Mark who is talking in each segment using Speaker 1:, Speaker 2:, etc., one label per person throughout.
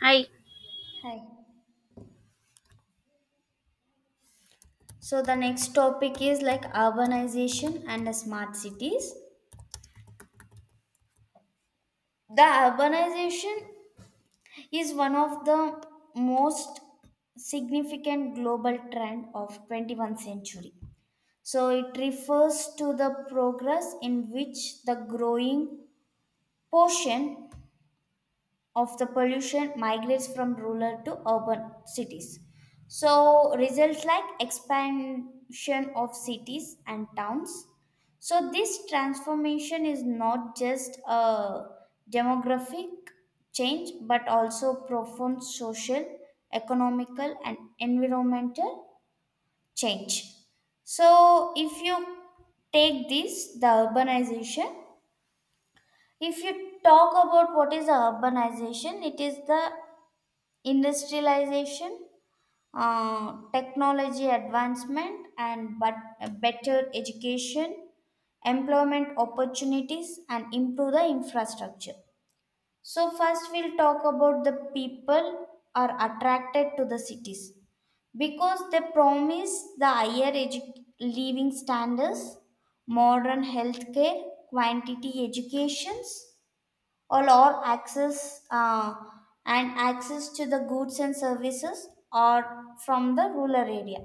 Speaker 1: Hi.
Speaker 2: Hi. So the next topic is like urbanization and the smart cities. The urbanization is one of the most significant global trend of 21st century. So it refers to the progress in which the growing portion of the pollution migrates from rural to urban cities. So results like expansion of cities and towns. So this transformation is not just a demographic change but also profound social, economical and environmental change. So if you take this, the urbanization, if you talk about what is the urbanization, it is the industrialization, technology advancement, and but better education, employment opportunities, and improve the infrastructure. So first, we'll talk about the people are attracted to the cities because they promise the higher living standards, modern healthcare, quantity educations all or access and access to the goods and services are from the rural area,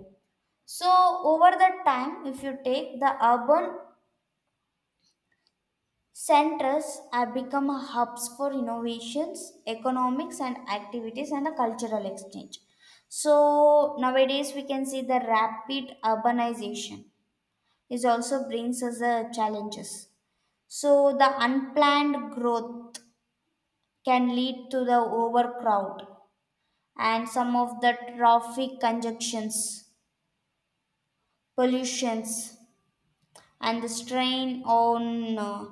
Speaker 2: so over the time, if you take, the urban centers have become hubs for innovations, economics and activities, and a cultural exchange. So nowadays we can see the rapid urbanization is also brings us the challenges. So the unplanned growth can lead to the overcrowd and some of the traffic congestions, pollutions, and the strain on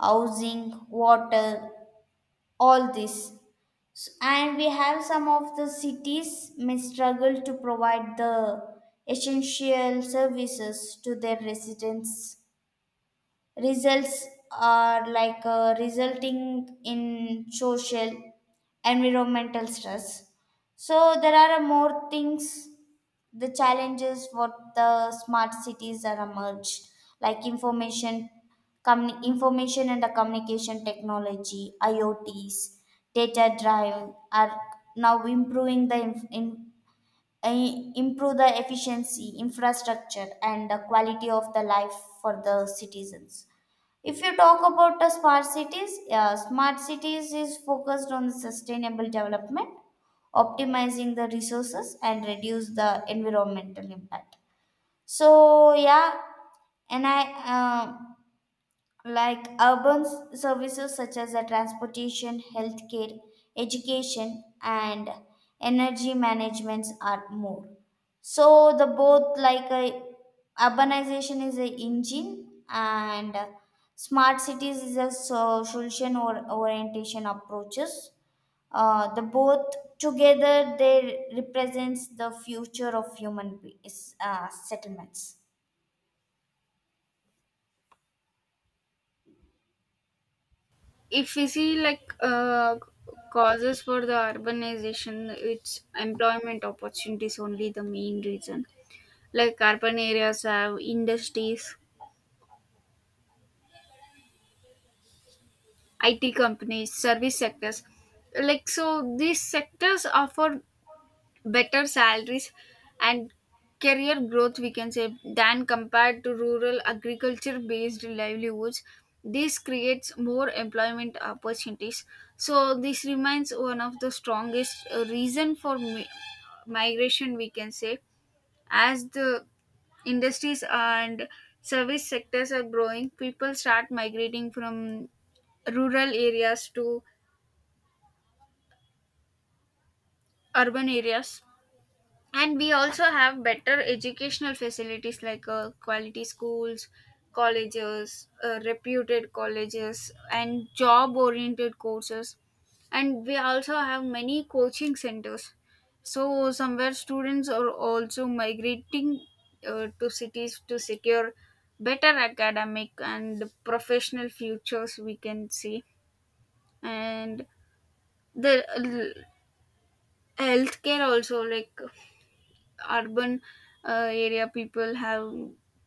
Speaker 2: housing, water, all this. And we have some of the cities may struggle to provide the essential services to their residents. Results are like resulting in social, environmental stress. So there are more things, the challenges, what the smart cities are emerged, like information information and the communication technology, iots, data drive are now improving the eh, improve the efficiency infrastructure and the quality of the life for the citizens. If you talk about the smart cities, yeah, smart cities is focused on the sustainable development, optimizing the resources and reduce the environmental impact. So yeah, and I. Like urban services such as the transportation, healthcare, education, and energy managements are more. So the both like urbanization is the engine and smart cities is a solution or orientation approaches. The both together they represents the future of is, settlements.
Speaker 1: If we see like causes for the urbanization, it's employment opportunities only the main reason. Like urban areas have industries, IT companies, service sectors. Like so, these sectors offer better salaries and career growth we can say than compared to rural agriculture based livelihoods. This creates more employment opportunities, so this remains one of the strongest reason for migration we can say. As the industries and service sectors are growing, people start migrating from rural areas to urban areas. And we also have better educational facilities like quality schools, colleges, reputed colleges and job oriented courses, and we also have many coaching centers, so somewhere students are also migrating to cities to secure better academic and professional futures we can see. And the healthcare also, like urban area people have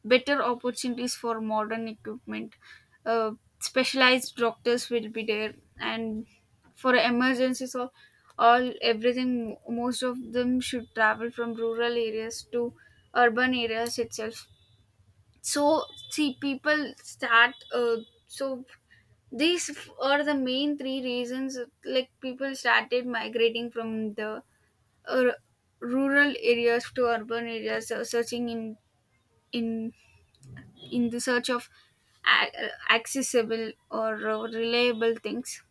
Speaker 1: better opportunities for modern equipment, uh, specialized doctors will be there, and for emergencies or all everything most of them should travel from rural areas to urban areas itself. So see people start so these are the main three reasons, like people started migrating from the uh, rural areas to urban areas searching in in the search of a- uh, accessible or reliable things.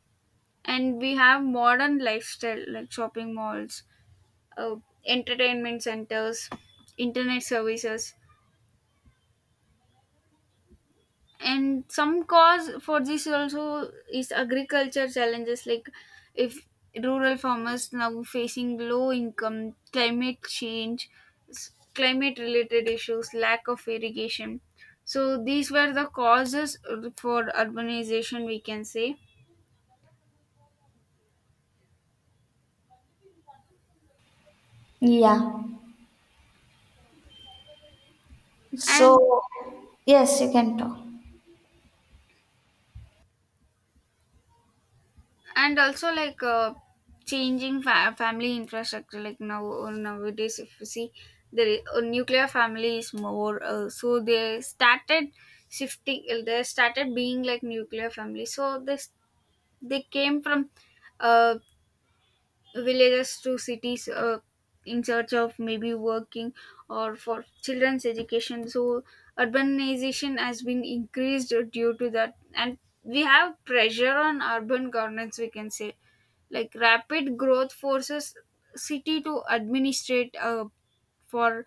Speaker 1: And we have modern lifestyle like shopping malls, uh, entertainment centers, internet services. And some cause for this also is agriculture challenges, like if rural farmers now facing low income, climate change, climate related issues, lack of irrigation. So these were the causes for urbanization we can say.
Speaker 2: Yeah.
Speaker 1: and
Speaker 2: So yes, you can talk.
Speaker 1: and also like changing family infrastructure, like now nowadays if you see the nuclear family is more, so they started shifting, they started being like nuclear family, so this they came from uh, villages to cities in search of maybe working or for children's education. So urbanization has been increased due to that. And we have pressure on urban governance we can say, like rapid growth forces city to administrate for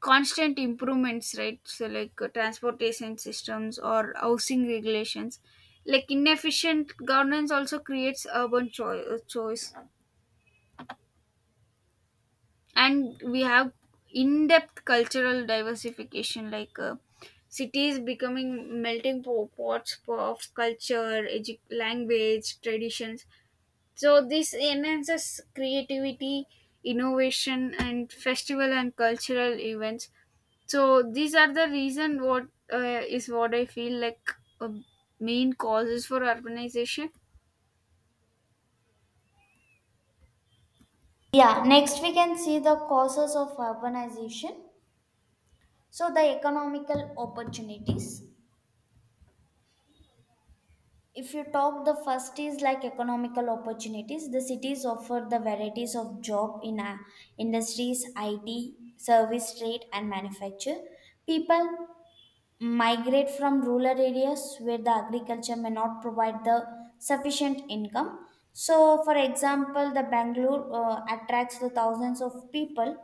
Speaker 1: constant improvements, right? So like transportation systems or housing regulations, like inefficient governance also creates urban choice. And we have in-depth cultural diversification, like cities becoming melting pots of culture, language, traditions. So this enhances creativity, innovation, and festival and cultural events. So these are the reason what is what I feel like uh, main causes for urbanization.
Speaker 2: Yeah, next we can see the causes of urbanization. So the economical opportunities. If you talk, the first is like economical opportunities. The cities offer the varieties of job in industries, IT, service trade, and manufacture. People migrate from rural areas where the agriculture may not provide the sufficient income. So, for example, the Bangalore attracts the thousands of people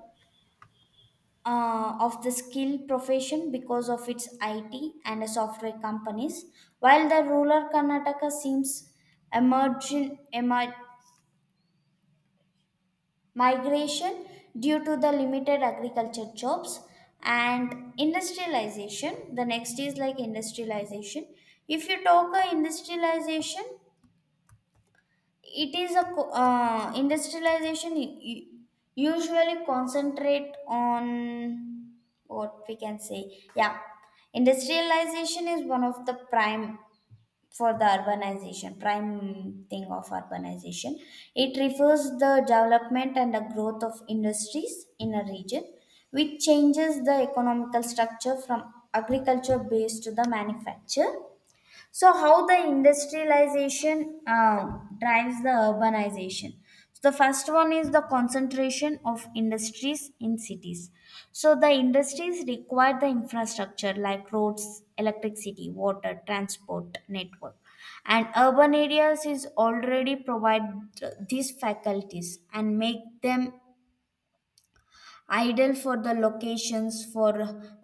Speaker 2: of the skilled profession because of its IT and software companies, while the rural Karnataka seems emerging emer- migration due to the limited agriculture jobs and industrialization. The next is like industrialization. If you talk of industrialization, it is a industrialization usually concentrate on what we can say. Yeah, industrialization is one of the prime for the urbanization, prime thing of urbanization. It refers the development and the growth of industries in a region which changes the economical structure from agriculture based to the manufacture. So, how the industrialization drives the urbanization? So the first one is the concentration of industries in cities. So, the industries require the infrastructure like roads, electricity, water, transport network. And urban areas is already provide these faculties and make them ideal for the locations for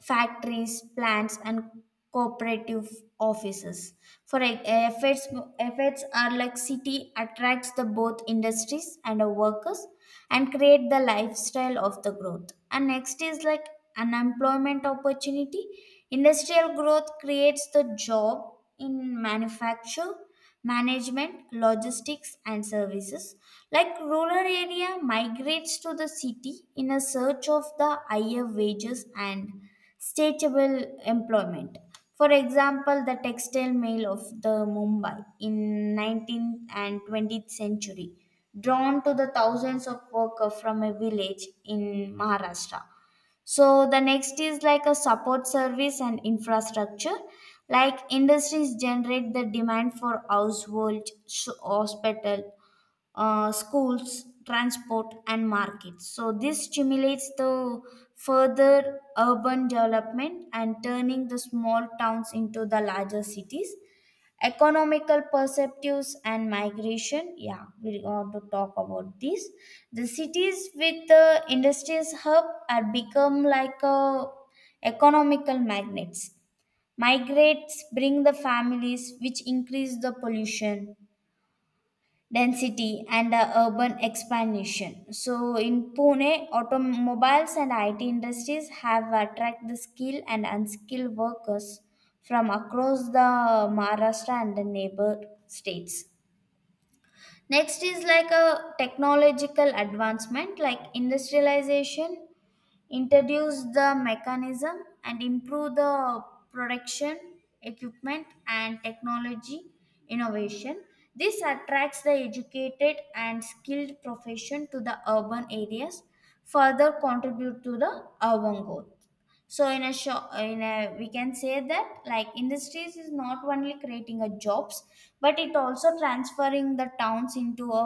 Speaker 2: factories, plants, and cooperative offices. For efforts are like city attracts the both industries and the workers and create the lifestyle of the growth. And next is like unemployment opportunity. Industrial growth creates the job in manufacture, management, logistics, and services. Like rural area migrates to the city in a search of the higher wages and stateable employment. For example, the textile mill of the Mumbai in 19th and 20th century drawn to the thousands of workers from a village in Maharashtra. So the next is like a support service and infrastructure. Like industries generate the demand for household, hospital, schools, transport, and markets. So this stimulates the further urban development and turning the small towns into the larger cities, economical perceptives and migration. Yeah, we want to talk about this. The cities with the industries hub are become like a economical magnets. Migrates bring the families which increase the pollution density and the urban expansion. So in Pune, automobiles and IT industries have attracted the skilled and unskilled workers from across the Maharashtra and the neighbor states. Next is like a technological advancement. Like industrialization introduce the mechanism and improve the production equipment and technology innovation. This attracts the educated and skilled profession to the urban areas, further contribute to the urban growth. So in a short, in a we can say that like industries is not only creating a jobs but it also transferring the towns into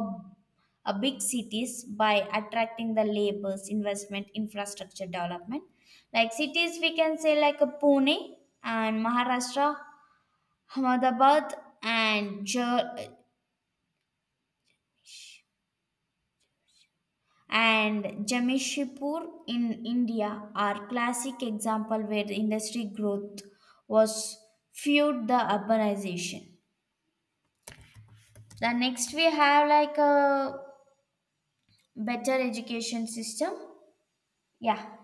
Speaker 2: a big cities by attracting the labors, investment, infrastructure development. Like cities we can say like a Pune and Maharashtra, Ahmedabad, and Ja- and Jamshedpur in India are classic example where the industry growth was fueled the urbanization. The next we have like a better education system. Yeah.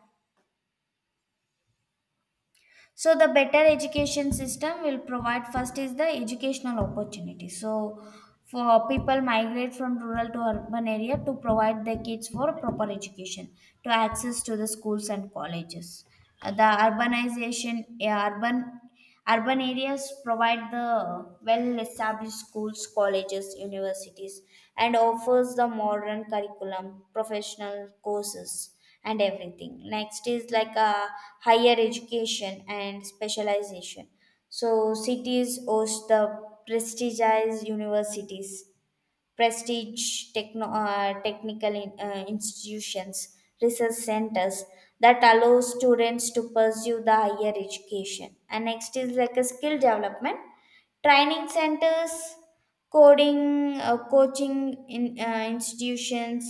Speaker 2: So the better education system will provide first is the educational opportunity. So for people migrate from rural to urban area to provide their kids for proper education to access to the schools and colleges. The urbanization, urban Urban areas provide the well-established schools, colleges, universities, and offers the modern curriculum, professional courses, and everything. Next is like a higher education and specialization. So cities host the prestigious universities, technical institutions, research centers that allow students to pursue the higher education. And next is like a skill development, training centers, coaching institutions,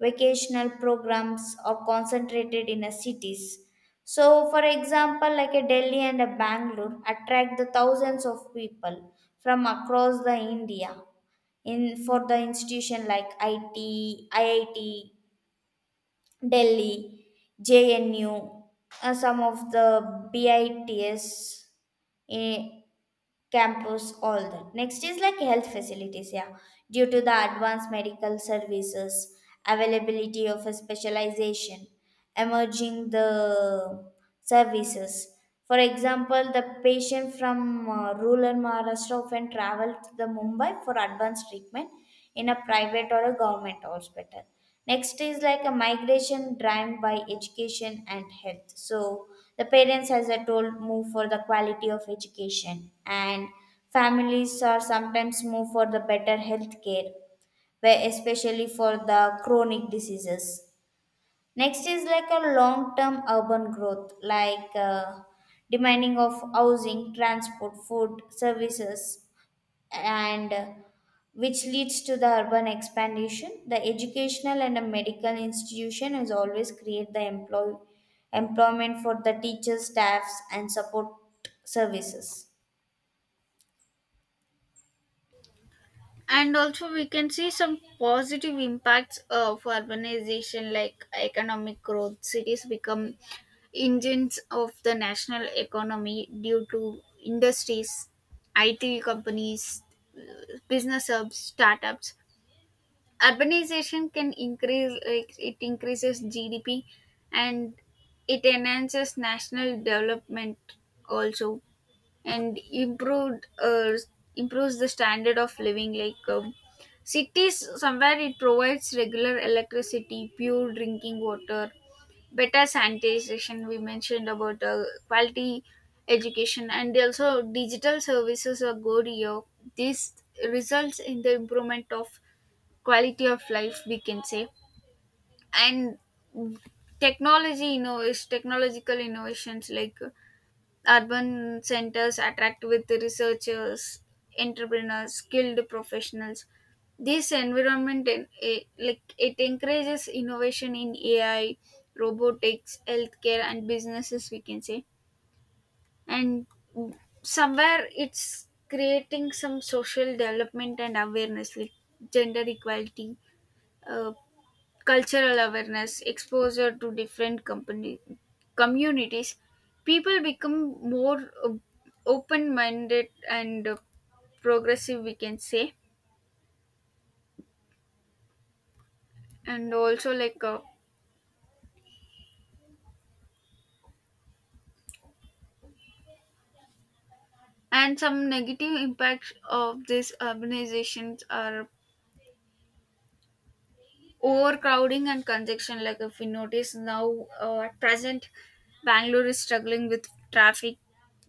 Speaker 2: vocational programs are concentrated in a cities. So, for example, like a Delhi and a Bangalore attract the thousands of people from across the India in for the institution like IIT Delhi, JNU, some of the BITS, eh, campus, all that. Next is like health facilities, yeah. Due to the advanced medical services, availability of a specialization, emerging the services. For example, the patient from rural Maharashtra often travel to the Mumbai for advanced treatment in a private or a government hospital. Next is like a migration driven by education and health. So the parents, as I told, move for the quality of education, and families are sometimes move for the better health care, where especially for the chronic diseases. Next is like a long term urban growth, like demanding of housing, transport, food, services, and which leads to the urban expansion. The educational and the medical institution has always create the employment for the teachers, staffs and support services.
Speaker 1: And also we can see some positive impacts of urbanization like economic growth. Cities become engines of the national economy due to industries, IT companies, uh, business hubs, startups. Urbanization can increase, like it increases GDP and it enhances national development also. And improved improves the standard of living, like cities somewhere it provides regular electricity, pure drinking water, better sanitation. We mentioned about quality education, and also digital services are good here. This results in the improvement of quality of life we can say. And technology is technological innovations, like urban centers attract with the researchers, entrepreneurs, skilled professionals. This environment, like it encourages innovation in AI, robotics, healthcare and businesses we can say. And somewhere it's creating some social development and awareness, like gender equality, uh, cultural awareness, exposure to different company communities, people become more open-minded and progressive, we can say. And also like and some negative impacts of these urbanizations are overcrowding and congestion. Like if we notice now at present Bangalore is struggling with traffic,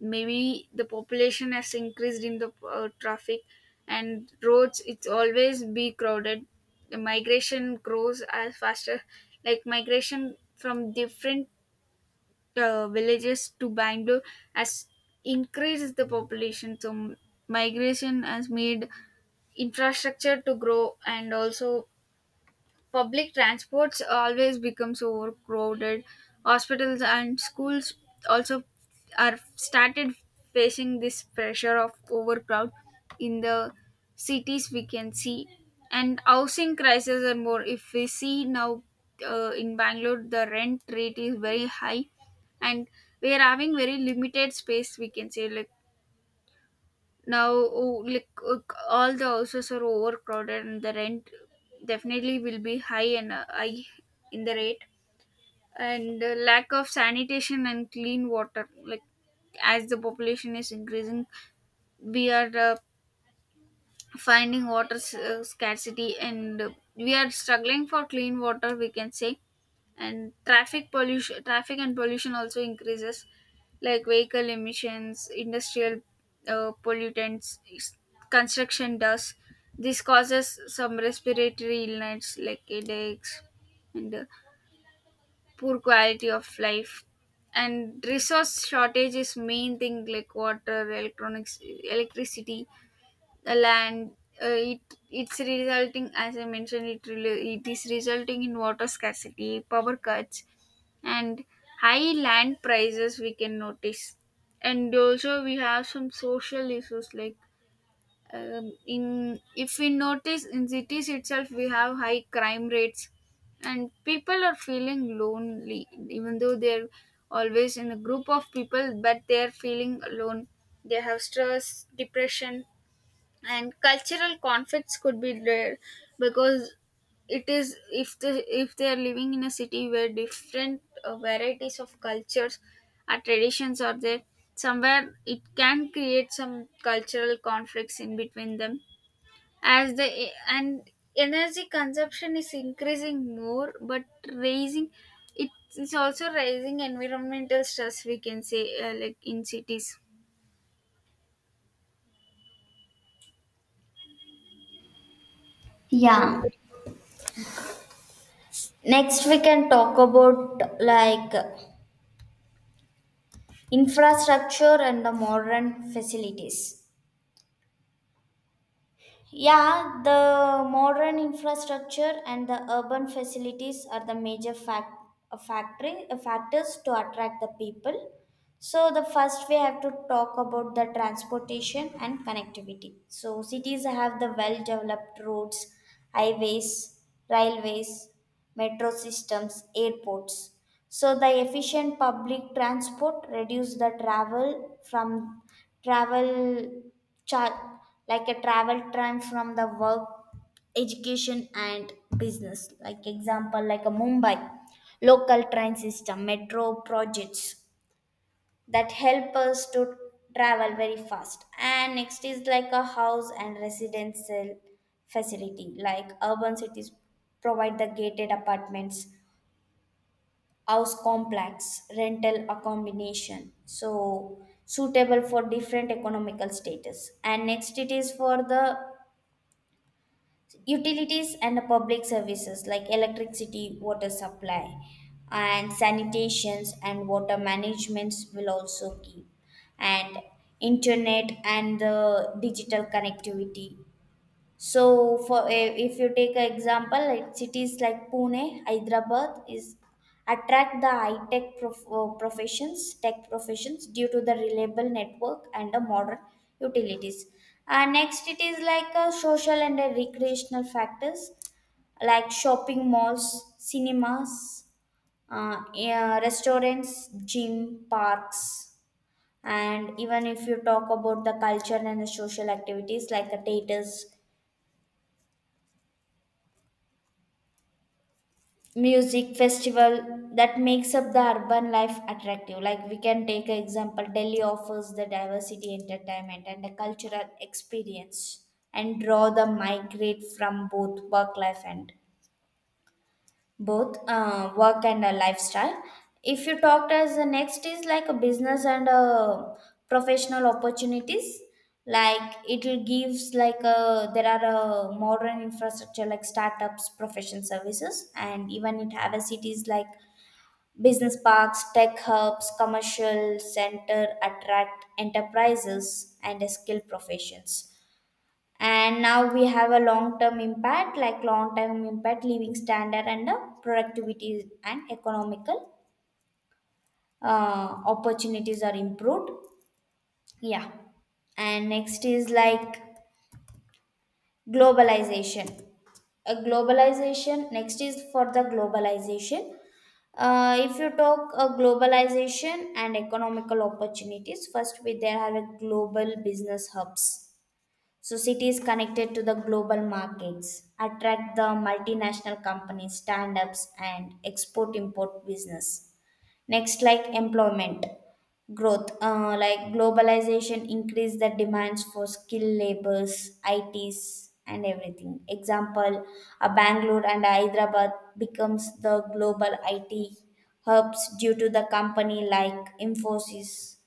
Speaker 1: maybe the population has increased in the traffic, and roads it's always be crowded. The migration grows as faster, like migration from different villages to Bangalore has increased the population. So migration has made infrastructure to grow, and also public transports always becomes overcrowded. Hospitals and schools also are started facing this pressure of overcrowd in the cities we can see. And housing crisis and more, if we see now in Bangalore the rent rate is very high, and we are having very limited space we can say. Like now oh, like all the houses are overcrowded and the rent definitely will be high, and high in the rate. And lack of sanitation and clean water, like as the population is increasing, we are finding water scarcity, and we are struggling for clean water we can say. And traffic pollution, traffic and pollution also increases, like vehicle emissions, industrial pollutants, construction dust. This causes some respiratory illness like headaches, and poor quality of life. And resource shortage is main thing, like water, electronics, electricity, the land. It, it's resulting, as I mentioned, it it is resulting in water scarcity, power cuts and high land prices we can notice. And also we have some social issues, like in if we notice in cities itself we have high crime rates, and people are feeling lonely even though they're always in a group of people but they're feeling alone. They have stress, depression, and cultural conflicts could be there, because it is, if they are living in a city where different varieties of cultures or traditions are there, somewhere it can create some cultural conflicts in between them. As the and energy consumption is increasing more, but raising it is also raising environmental stress we can say, like in cities.
Speaker 2: Yeah, next we can talk about like infrastructure and the modern facilities. Yeah, the modern infrastructure and the urban facilities are the major factors to attract the people. So, the first we have to talk about the transportation and connectivity. So, cities have the well developed roads, highways, railways, metro systems, airports. So the efficient public transport reduce the travel from travel char- like a travel time from the work, education and business. Like example, like a Mumbai local train system, metro projects that help us to travel very fast. And next is like a house and residential facility, like urban cities provide the gated apartments, house complex, rental accommodation, so suitable for different economical status. And next it is for the utilities and public services like electricity, water supply, and sanitations and water managements will also keep, and internet and the digital connectivity. So, if you take an example, like cities like Pune, Hyderabad is attract the high tech professions, tech professions due to the reliable network and the modern utilities. And next, it is like a social and a recreational factors like shopping malls, cinemas, yeah, restaurants, gym, parks, and even if you talk about the culture and the social activities like the theaters, music festival, that makes up the urban life attractive. Like we can take an example, Delhi offers the diversity entertainment and a cultural experience and draw the migrate from both work life and both work and a lifestyle. If you talked as, the next is like a business and a professional opportunities, like it will gives like a, there are a modern infrastructure like startups, professional services, and even it have a cities like business parks, tech hubs, commercial center attract enterprises and skilled professions. And now we have a long term impact like long term impact living standard and the productivity and economical opportunities are improved. Yeah. And next is like globalization, a globalization next is for the globalization. If you talk globalization and economical opportunities, first we, there are global business hubs. So cities connected to the global markets attract the multinational companies, stand-ups, and export-import business. Next, like employment growth, like globalization increase the demands for skilled labors, ITs, and everything. Example, a Bangalore and Hyderabad becomes the global IT hubs due to the company like Infosys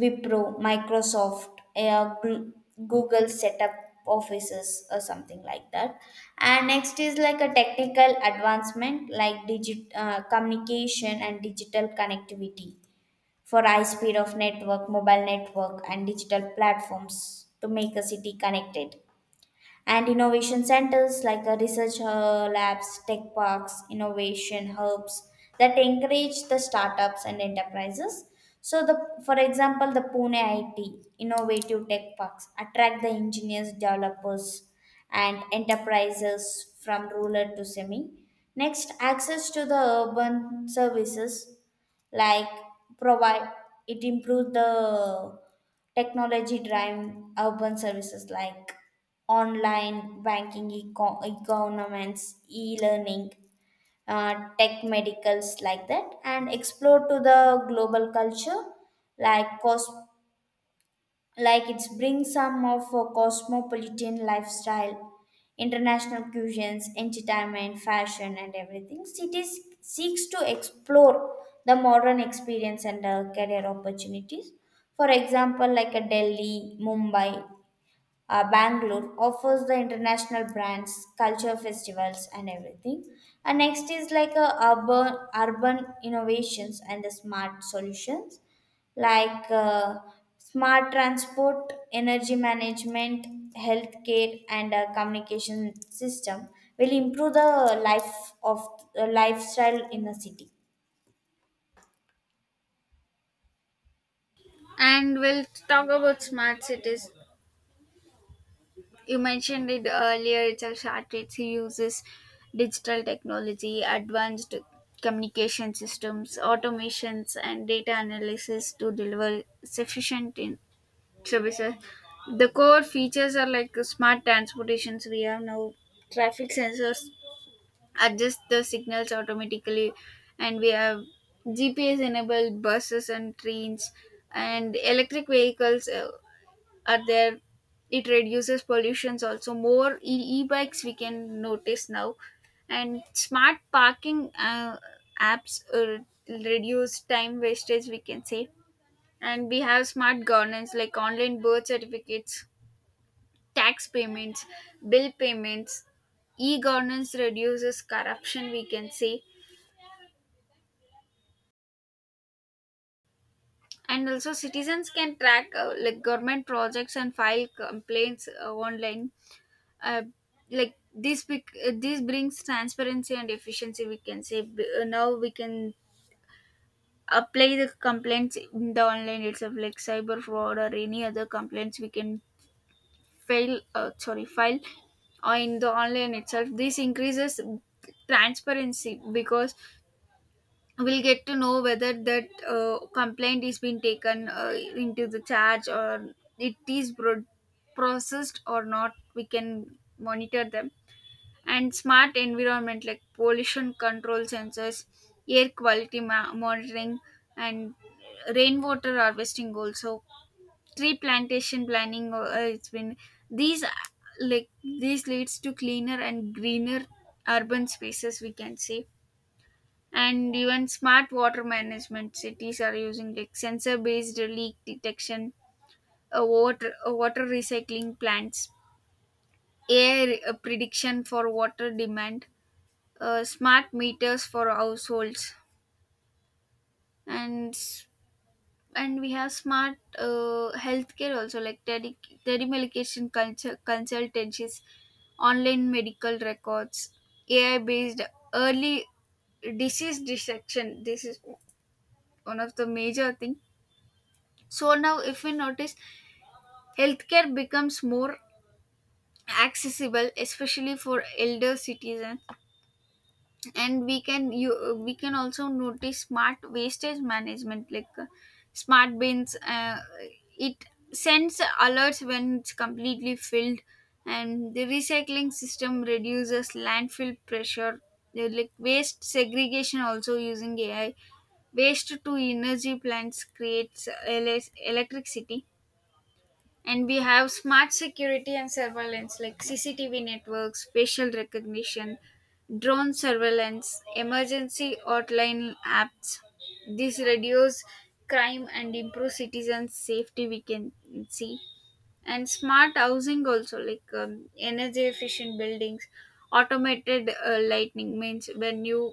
Speaker 2: Wipro, Microsoft, uh, Gl- Google set up offices or something like that. And next is like a technical advancement like digit communication and digital connectivity for high speed of network, mobile network, and digital platforms to make a city connected and innovation centers like research labs, tech parks, innovation hubs that encourage the startups and enterprises. So, the for example, the Pune IT innovative tech parks attract the engineers, developers, and enterprises from rural to semi. Next, access to the urban services like provide it improve the technology driven urban services like online banking economics e-learning tech medicals like that and explore to the global culture like cos like it brings some of a cosmopolitan lifestyle, international cuisines, entertainment, fashion, and everything cities seeks to explore the modern experience and career opportunities. For example, like a Delhi, Mumbai, Bangalore offers the international brands, culture festivals, and everything. And next is like a urban innovations and the smart solutions like smart transport, energy management, healthcare, and communication system will improve the life of lifestyle in the city.
Speaker 1: And we'll talk about smart cities. You mentioned it earlier itself. Artists uses digital technology, advanced communication systems, automations, and data analysis to deliver sufficient in services. The core features are like smart transportations. We have now traffic sensors adjust the signals automatically, and we have GPS enabled buses and trains and electric vehicles. Are there, it reduces pollutions also, more e-bikes we can notice now. And smart parking apps reduce time wastage we can say. And we have smart governance, like online birth certificates, tax payments, bill payments, e-governance reduces corruption we can say. And also citizens can track like government projects and file complaints online. uh, like this this brings transparency and efficiency we can say. Now we can apply the complaints in the online itself, like cyber fraud or any other complaints we can fail sorry file or in the online itself. This increases transparency because we'll get to know whether that complaint is being taken into the charge or it is processed or not, we can monitor them. And smart environment, like pollution control sensors, air quality monitoring, and rainwater harvesting. Also tree plantation planning. It's been these like these leads to cleaner and greener urban spaces, we can say. And even smart water management, cities are using like sensor based leak detection, water recycling plants, air prediction for water demand, smart meters for households and s- and we have smart healthcare also, like telemedication consultancies, online medical records, ai based early disease detection. This is one of the major thing. So now if we notice healthcare becomes more accessible, especially for elder citizens. And we can also notice smart wastage management, like smart bins. It sends alerts when it's completely filled, and the recycling system reduces landfill pressure. They like waste segregation also using AI, waste to energy plants creates LS electricity. And we have smart security and surveillance, like CCTV networks, facial recognition, drone surveillance, emergency hotline apps. This reduce crime and improve citizens safety we can see. And smart housing also, like energy efficient buildings, automated lightning, means when you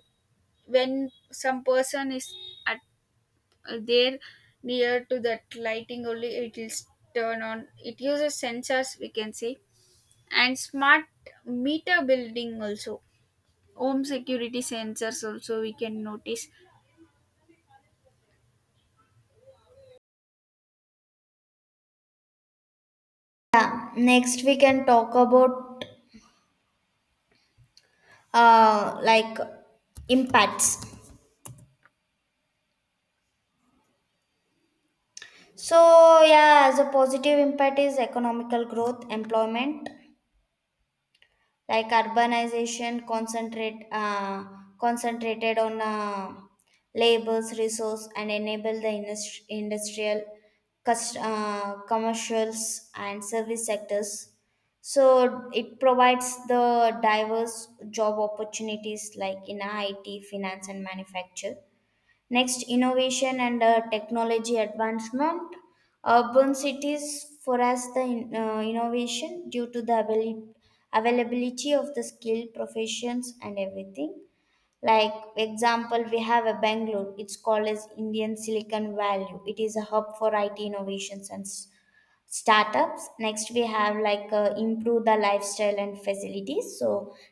Speaker 1: when some person is at there near to that lighting only it will turn on, it uses sensors we can say. And smart meter building also, home security sensors also we can notice.
Speaker 2: Yeah. Next, we can talk about uh, like impacts. So, yeah, the positive impact is economical growth, employment, like urbanization, concentrated on labels, resource, and enable the industrial, commercials, and service sectors. So it provides the diverse job opportunities like in IT, finance, and manufacture. Next, innovation and technology advancement. Urban cities foster the innovation due to the availability of the skilled professions and everything. Like example, we have a Bangalore. It's called as Indian Silicon Valley. It is a hub for IT innovations and startups. Next, we have like improve the lifestyle and facilities, so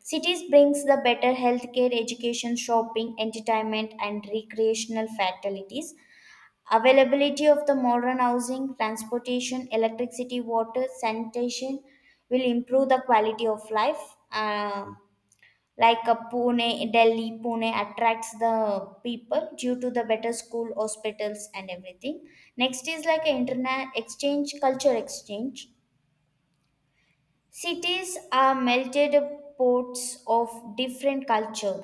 Speaker 2: cities brings the better healthcare, education, shopping, entertainment, and recreational facilities, availability of the modern housing, transportation, electricity, water, sanitation will improve the quality of life. Uh, like a pune Delhi, Pune attracts the people due to the better school, hospitals, and everything. Next is like an internet exchange, culture exchange. Cities are melted pots of different culture,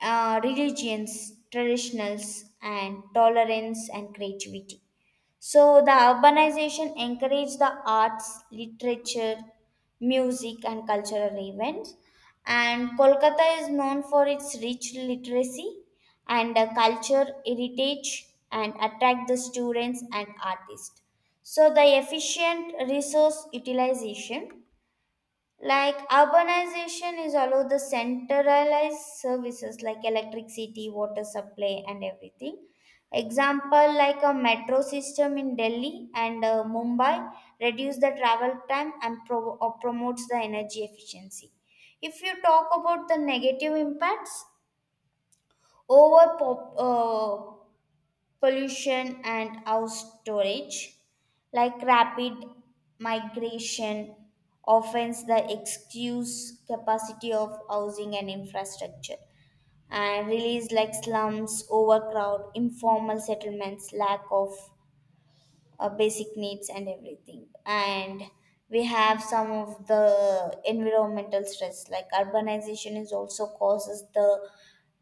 Speaker 2: religions, traditionals, and tolerance and creativity. So the urbanization encouraged the arts, literature, music, and cultural events. And Kolkata is known for its rich literacy and culture heritage, and attract the students and artists. So the efficient resource utilization, like urbanization is all over the centralized services like electricity, water supply, and everything. Example, like a metro system in Delhi and Mumbai reduce the travel time and pro- or promotes the energy efficiency. If you talk about the negative impacts, over pollution and house storage, like rapid migration, offends the excuse capacity of housing and infrastructure, and release like slums, overcrowd, informal settlements, lack of basic needs and everything. And we have some of the environmental stress, like urbanization is also causes the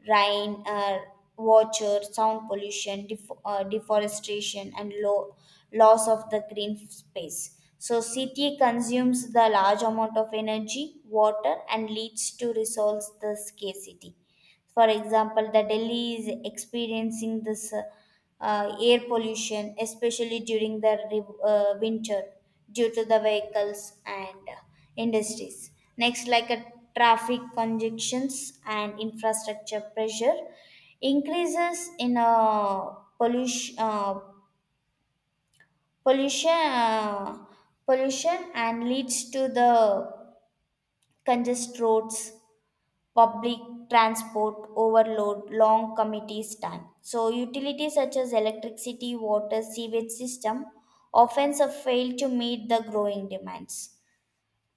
Speaker 2: rain, uh, water, sound pollution, deforestation, and low loss of the green space. So city consumes the large amount of energy, water, and leads to resolve the scarcity. For example, the Delhi is experiencing this air pollution, especially during the winter, due to the vehicles and industries. Next, like a traffic congestions and infrastructure pressure increases in pollution. Pollution uh, pollution and leads to the congested roads, public transport overload, long committees time. So utilities such as electricity, water, sewage system often fail to meet the growing demands.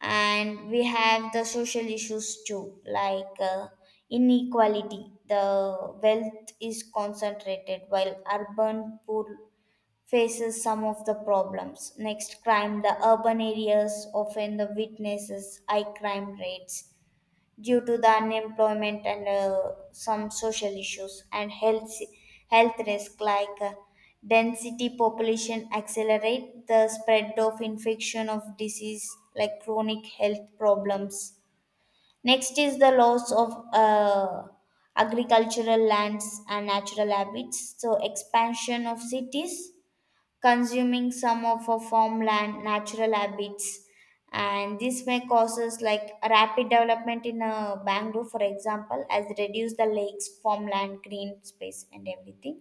Speaker 2: And we have the social issues too, like inequality. The wealth is concentrated while urban poor faces some of the problems. Next, crime. The urban areas often the witnesses high crime rates due to the unemployment and some social issues and health risk like density population accelerate the spread of infection of disease like chronic health problems. Next is the loss of agricultural lands and natural habits, so expansion of cities consuming some of our farmland, natural habits, and this may causes like rapid development in Bangalore, for example, as reduce the lakes, farmland, green space, and everything.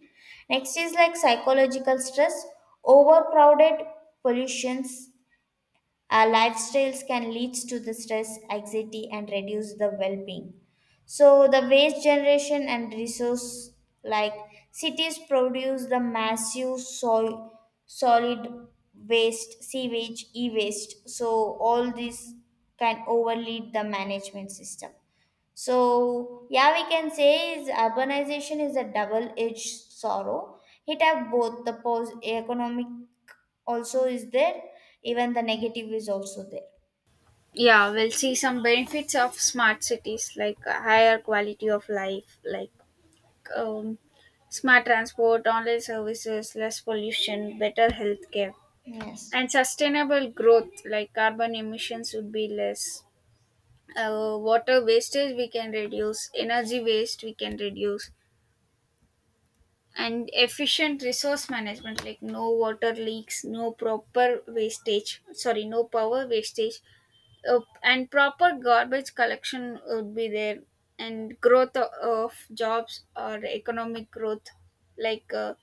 Speaker 2: Next is like psychological stress, overcrowded pollutions, our lifestyles can lead to the stress, anxiety, and reduce the well-being. So the waste generation and resource, like cities produce the massive soil, solid waste, sewage, e-waste. So all this can overlead the management system. So, yeah, we can say is urbanization is a double-edged sorrow. It have both the pos economic also is there, even the negative is also there.
Speaker 1: Yeah, we'll see some benefits of smart cities, like a higher quality of life, like um, smart transport, online services, less pollution, better healthcare.
Speaker 2: Yes.
Speaker 1: And sustainable growth, like carbon emissions would be less, water wastage we can reduce, energy waste we can reduce. And efficient resource management, like no water leaks, no proper wastage, sorry no power wastage, and proper garbage collection would be there. And growth of jobs or economic growth, like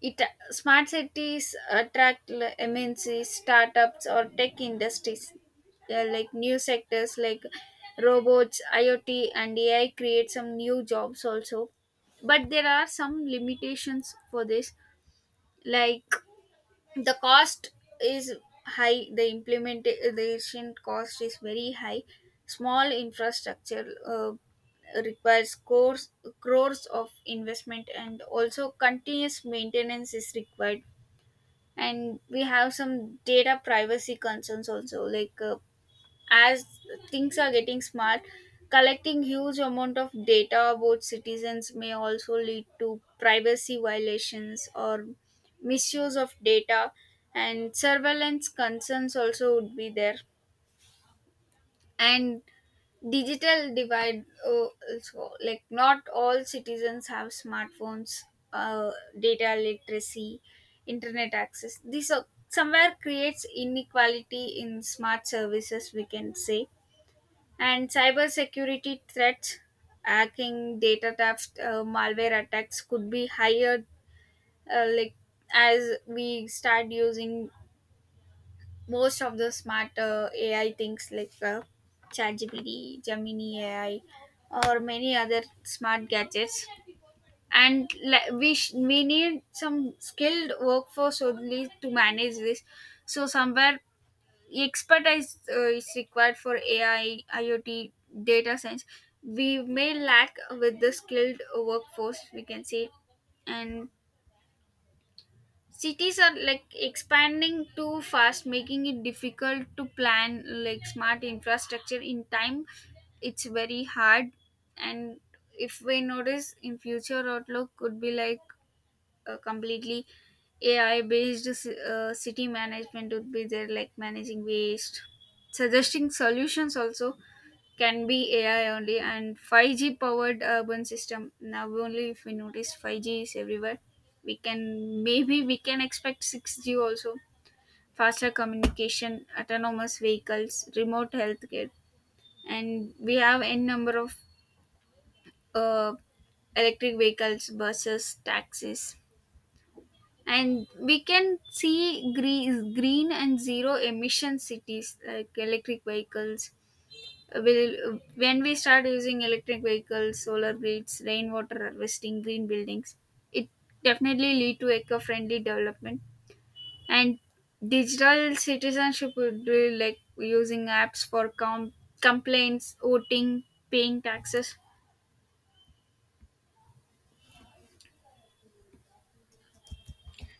Speaker 1: it smart cities attract MNCs, startups, or tech industries, like new sectors like robots, IoT, and AI create some new jobs also. But there are some limitations for this, like the cost is high. The implementation cost is very high. Small infrastructure. Requires crores of investment, and also continuous maintenance is required. And we have some data privacy concerns also, like as things are getting smart, collecting huge amount of data about citizens may also lead to privacy violations or misuse of data, and surveillance concerns also would be there. And digital divide, also like not all citizens have smartphones, uh, data literacy, internet access. This somewhere creates inequality in smart services we can say. And cyber security threats, hacking, data theft, malware attacks could be higher, like as we start using most of the smart AI things, like ChatGPT, Gemini AI, or many other smart gadgets. And we need some skilled workforce only to manage this. So somewhere expertise is required for AI, IoT, data science. We may lack with the skilled workforce, we can say. And cities are like expanding too fast, making it difficult to plan like smart infrastructure in time, it's very hard. And if we notice, in future outlook could be like completely AI based city management would be there, like managing waste, suggesting solutions also can be AI only. And 5G powered urban system. Now only if we notice 5G is everywhere, we can expect 6G also, faster communication, autonomous vehicles, remote healthcare. And we have n number of uh, electric vehicles, buses, taxis. And we can see green, green and zero emission cities, like electric vehicles. Will when we start using electric vehicles, solar grids, rainwater harvesting, green buildings, it definitely lead to eco-friendly development. And digital citizenship would be like using apps for complaints, voting, paying taxes.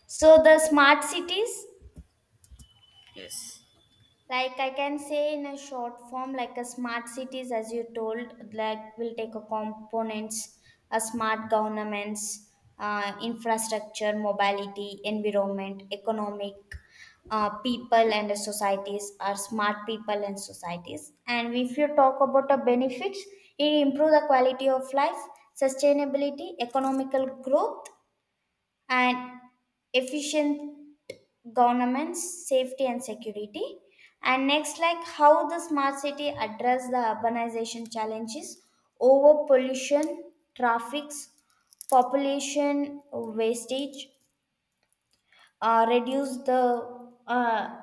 Speaker 2: So the smart cities,
Speaker 1: Yes.
Speaker 2: like I can say in a short form, like a smart cities as you told like will take a components, a smart governments, infrastructure, mobility, environment, economic, people and societies are smart people and societies. And if you talk about the benefits, it improve the quality of life, sustainability, economical growth, and efficient governance, safety, and security. And next, like how the smart city address the urbanization challenges, over pollution, traffics, population, wastage, reduce the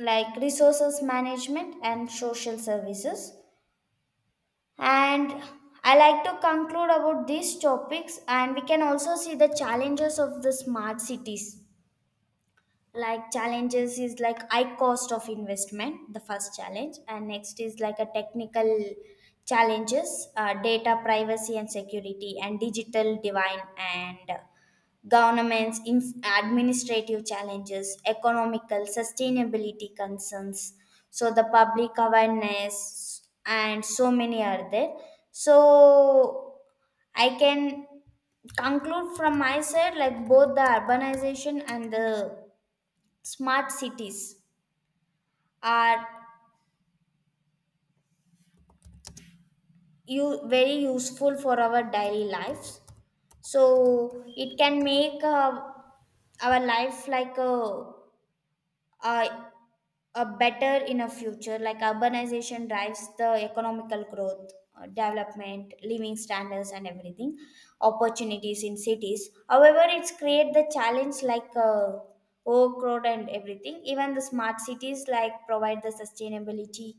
Speaker 2: like resources management and social services. And I like to conclude about these topics, and we can also see the challenges of the smart cities. Like challenges is like high cost of investment, the first challenge, and next is like a technical challenges, data privacy and security and digital divine, and governments administrative challenges, economical sustainability concerns. So the public awareness and so many are there. So I can conclude from my side, like both the urbanization and the smart cities are you very useful for our daily lives. So it can make our life like a a better in a future. Like urbanization drives the economical growth, development, living standards, and everything opportunities in cities. However, it's create the challenge, like overcrowd and everything. Even the smart cities like provide the sustainability,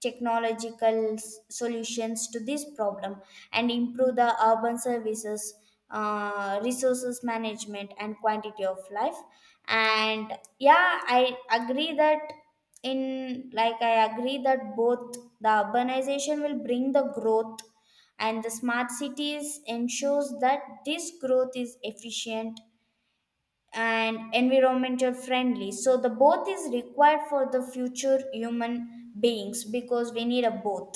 Speaker 2: technological solutions to this problem and improve the urban services, resources management, and quantity of life. And yeah, I agree that both the urbanization will bring the growth and the smart cities ensures that this growth is efficient and environmental friendly. So the both is required for the future human beings, because we need a both.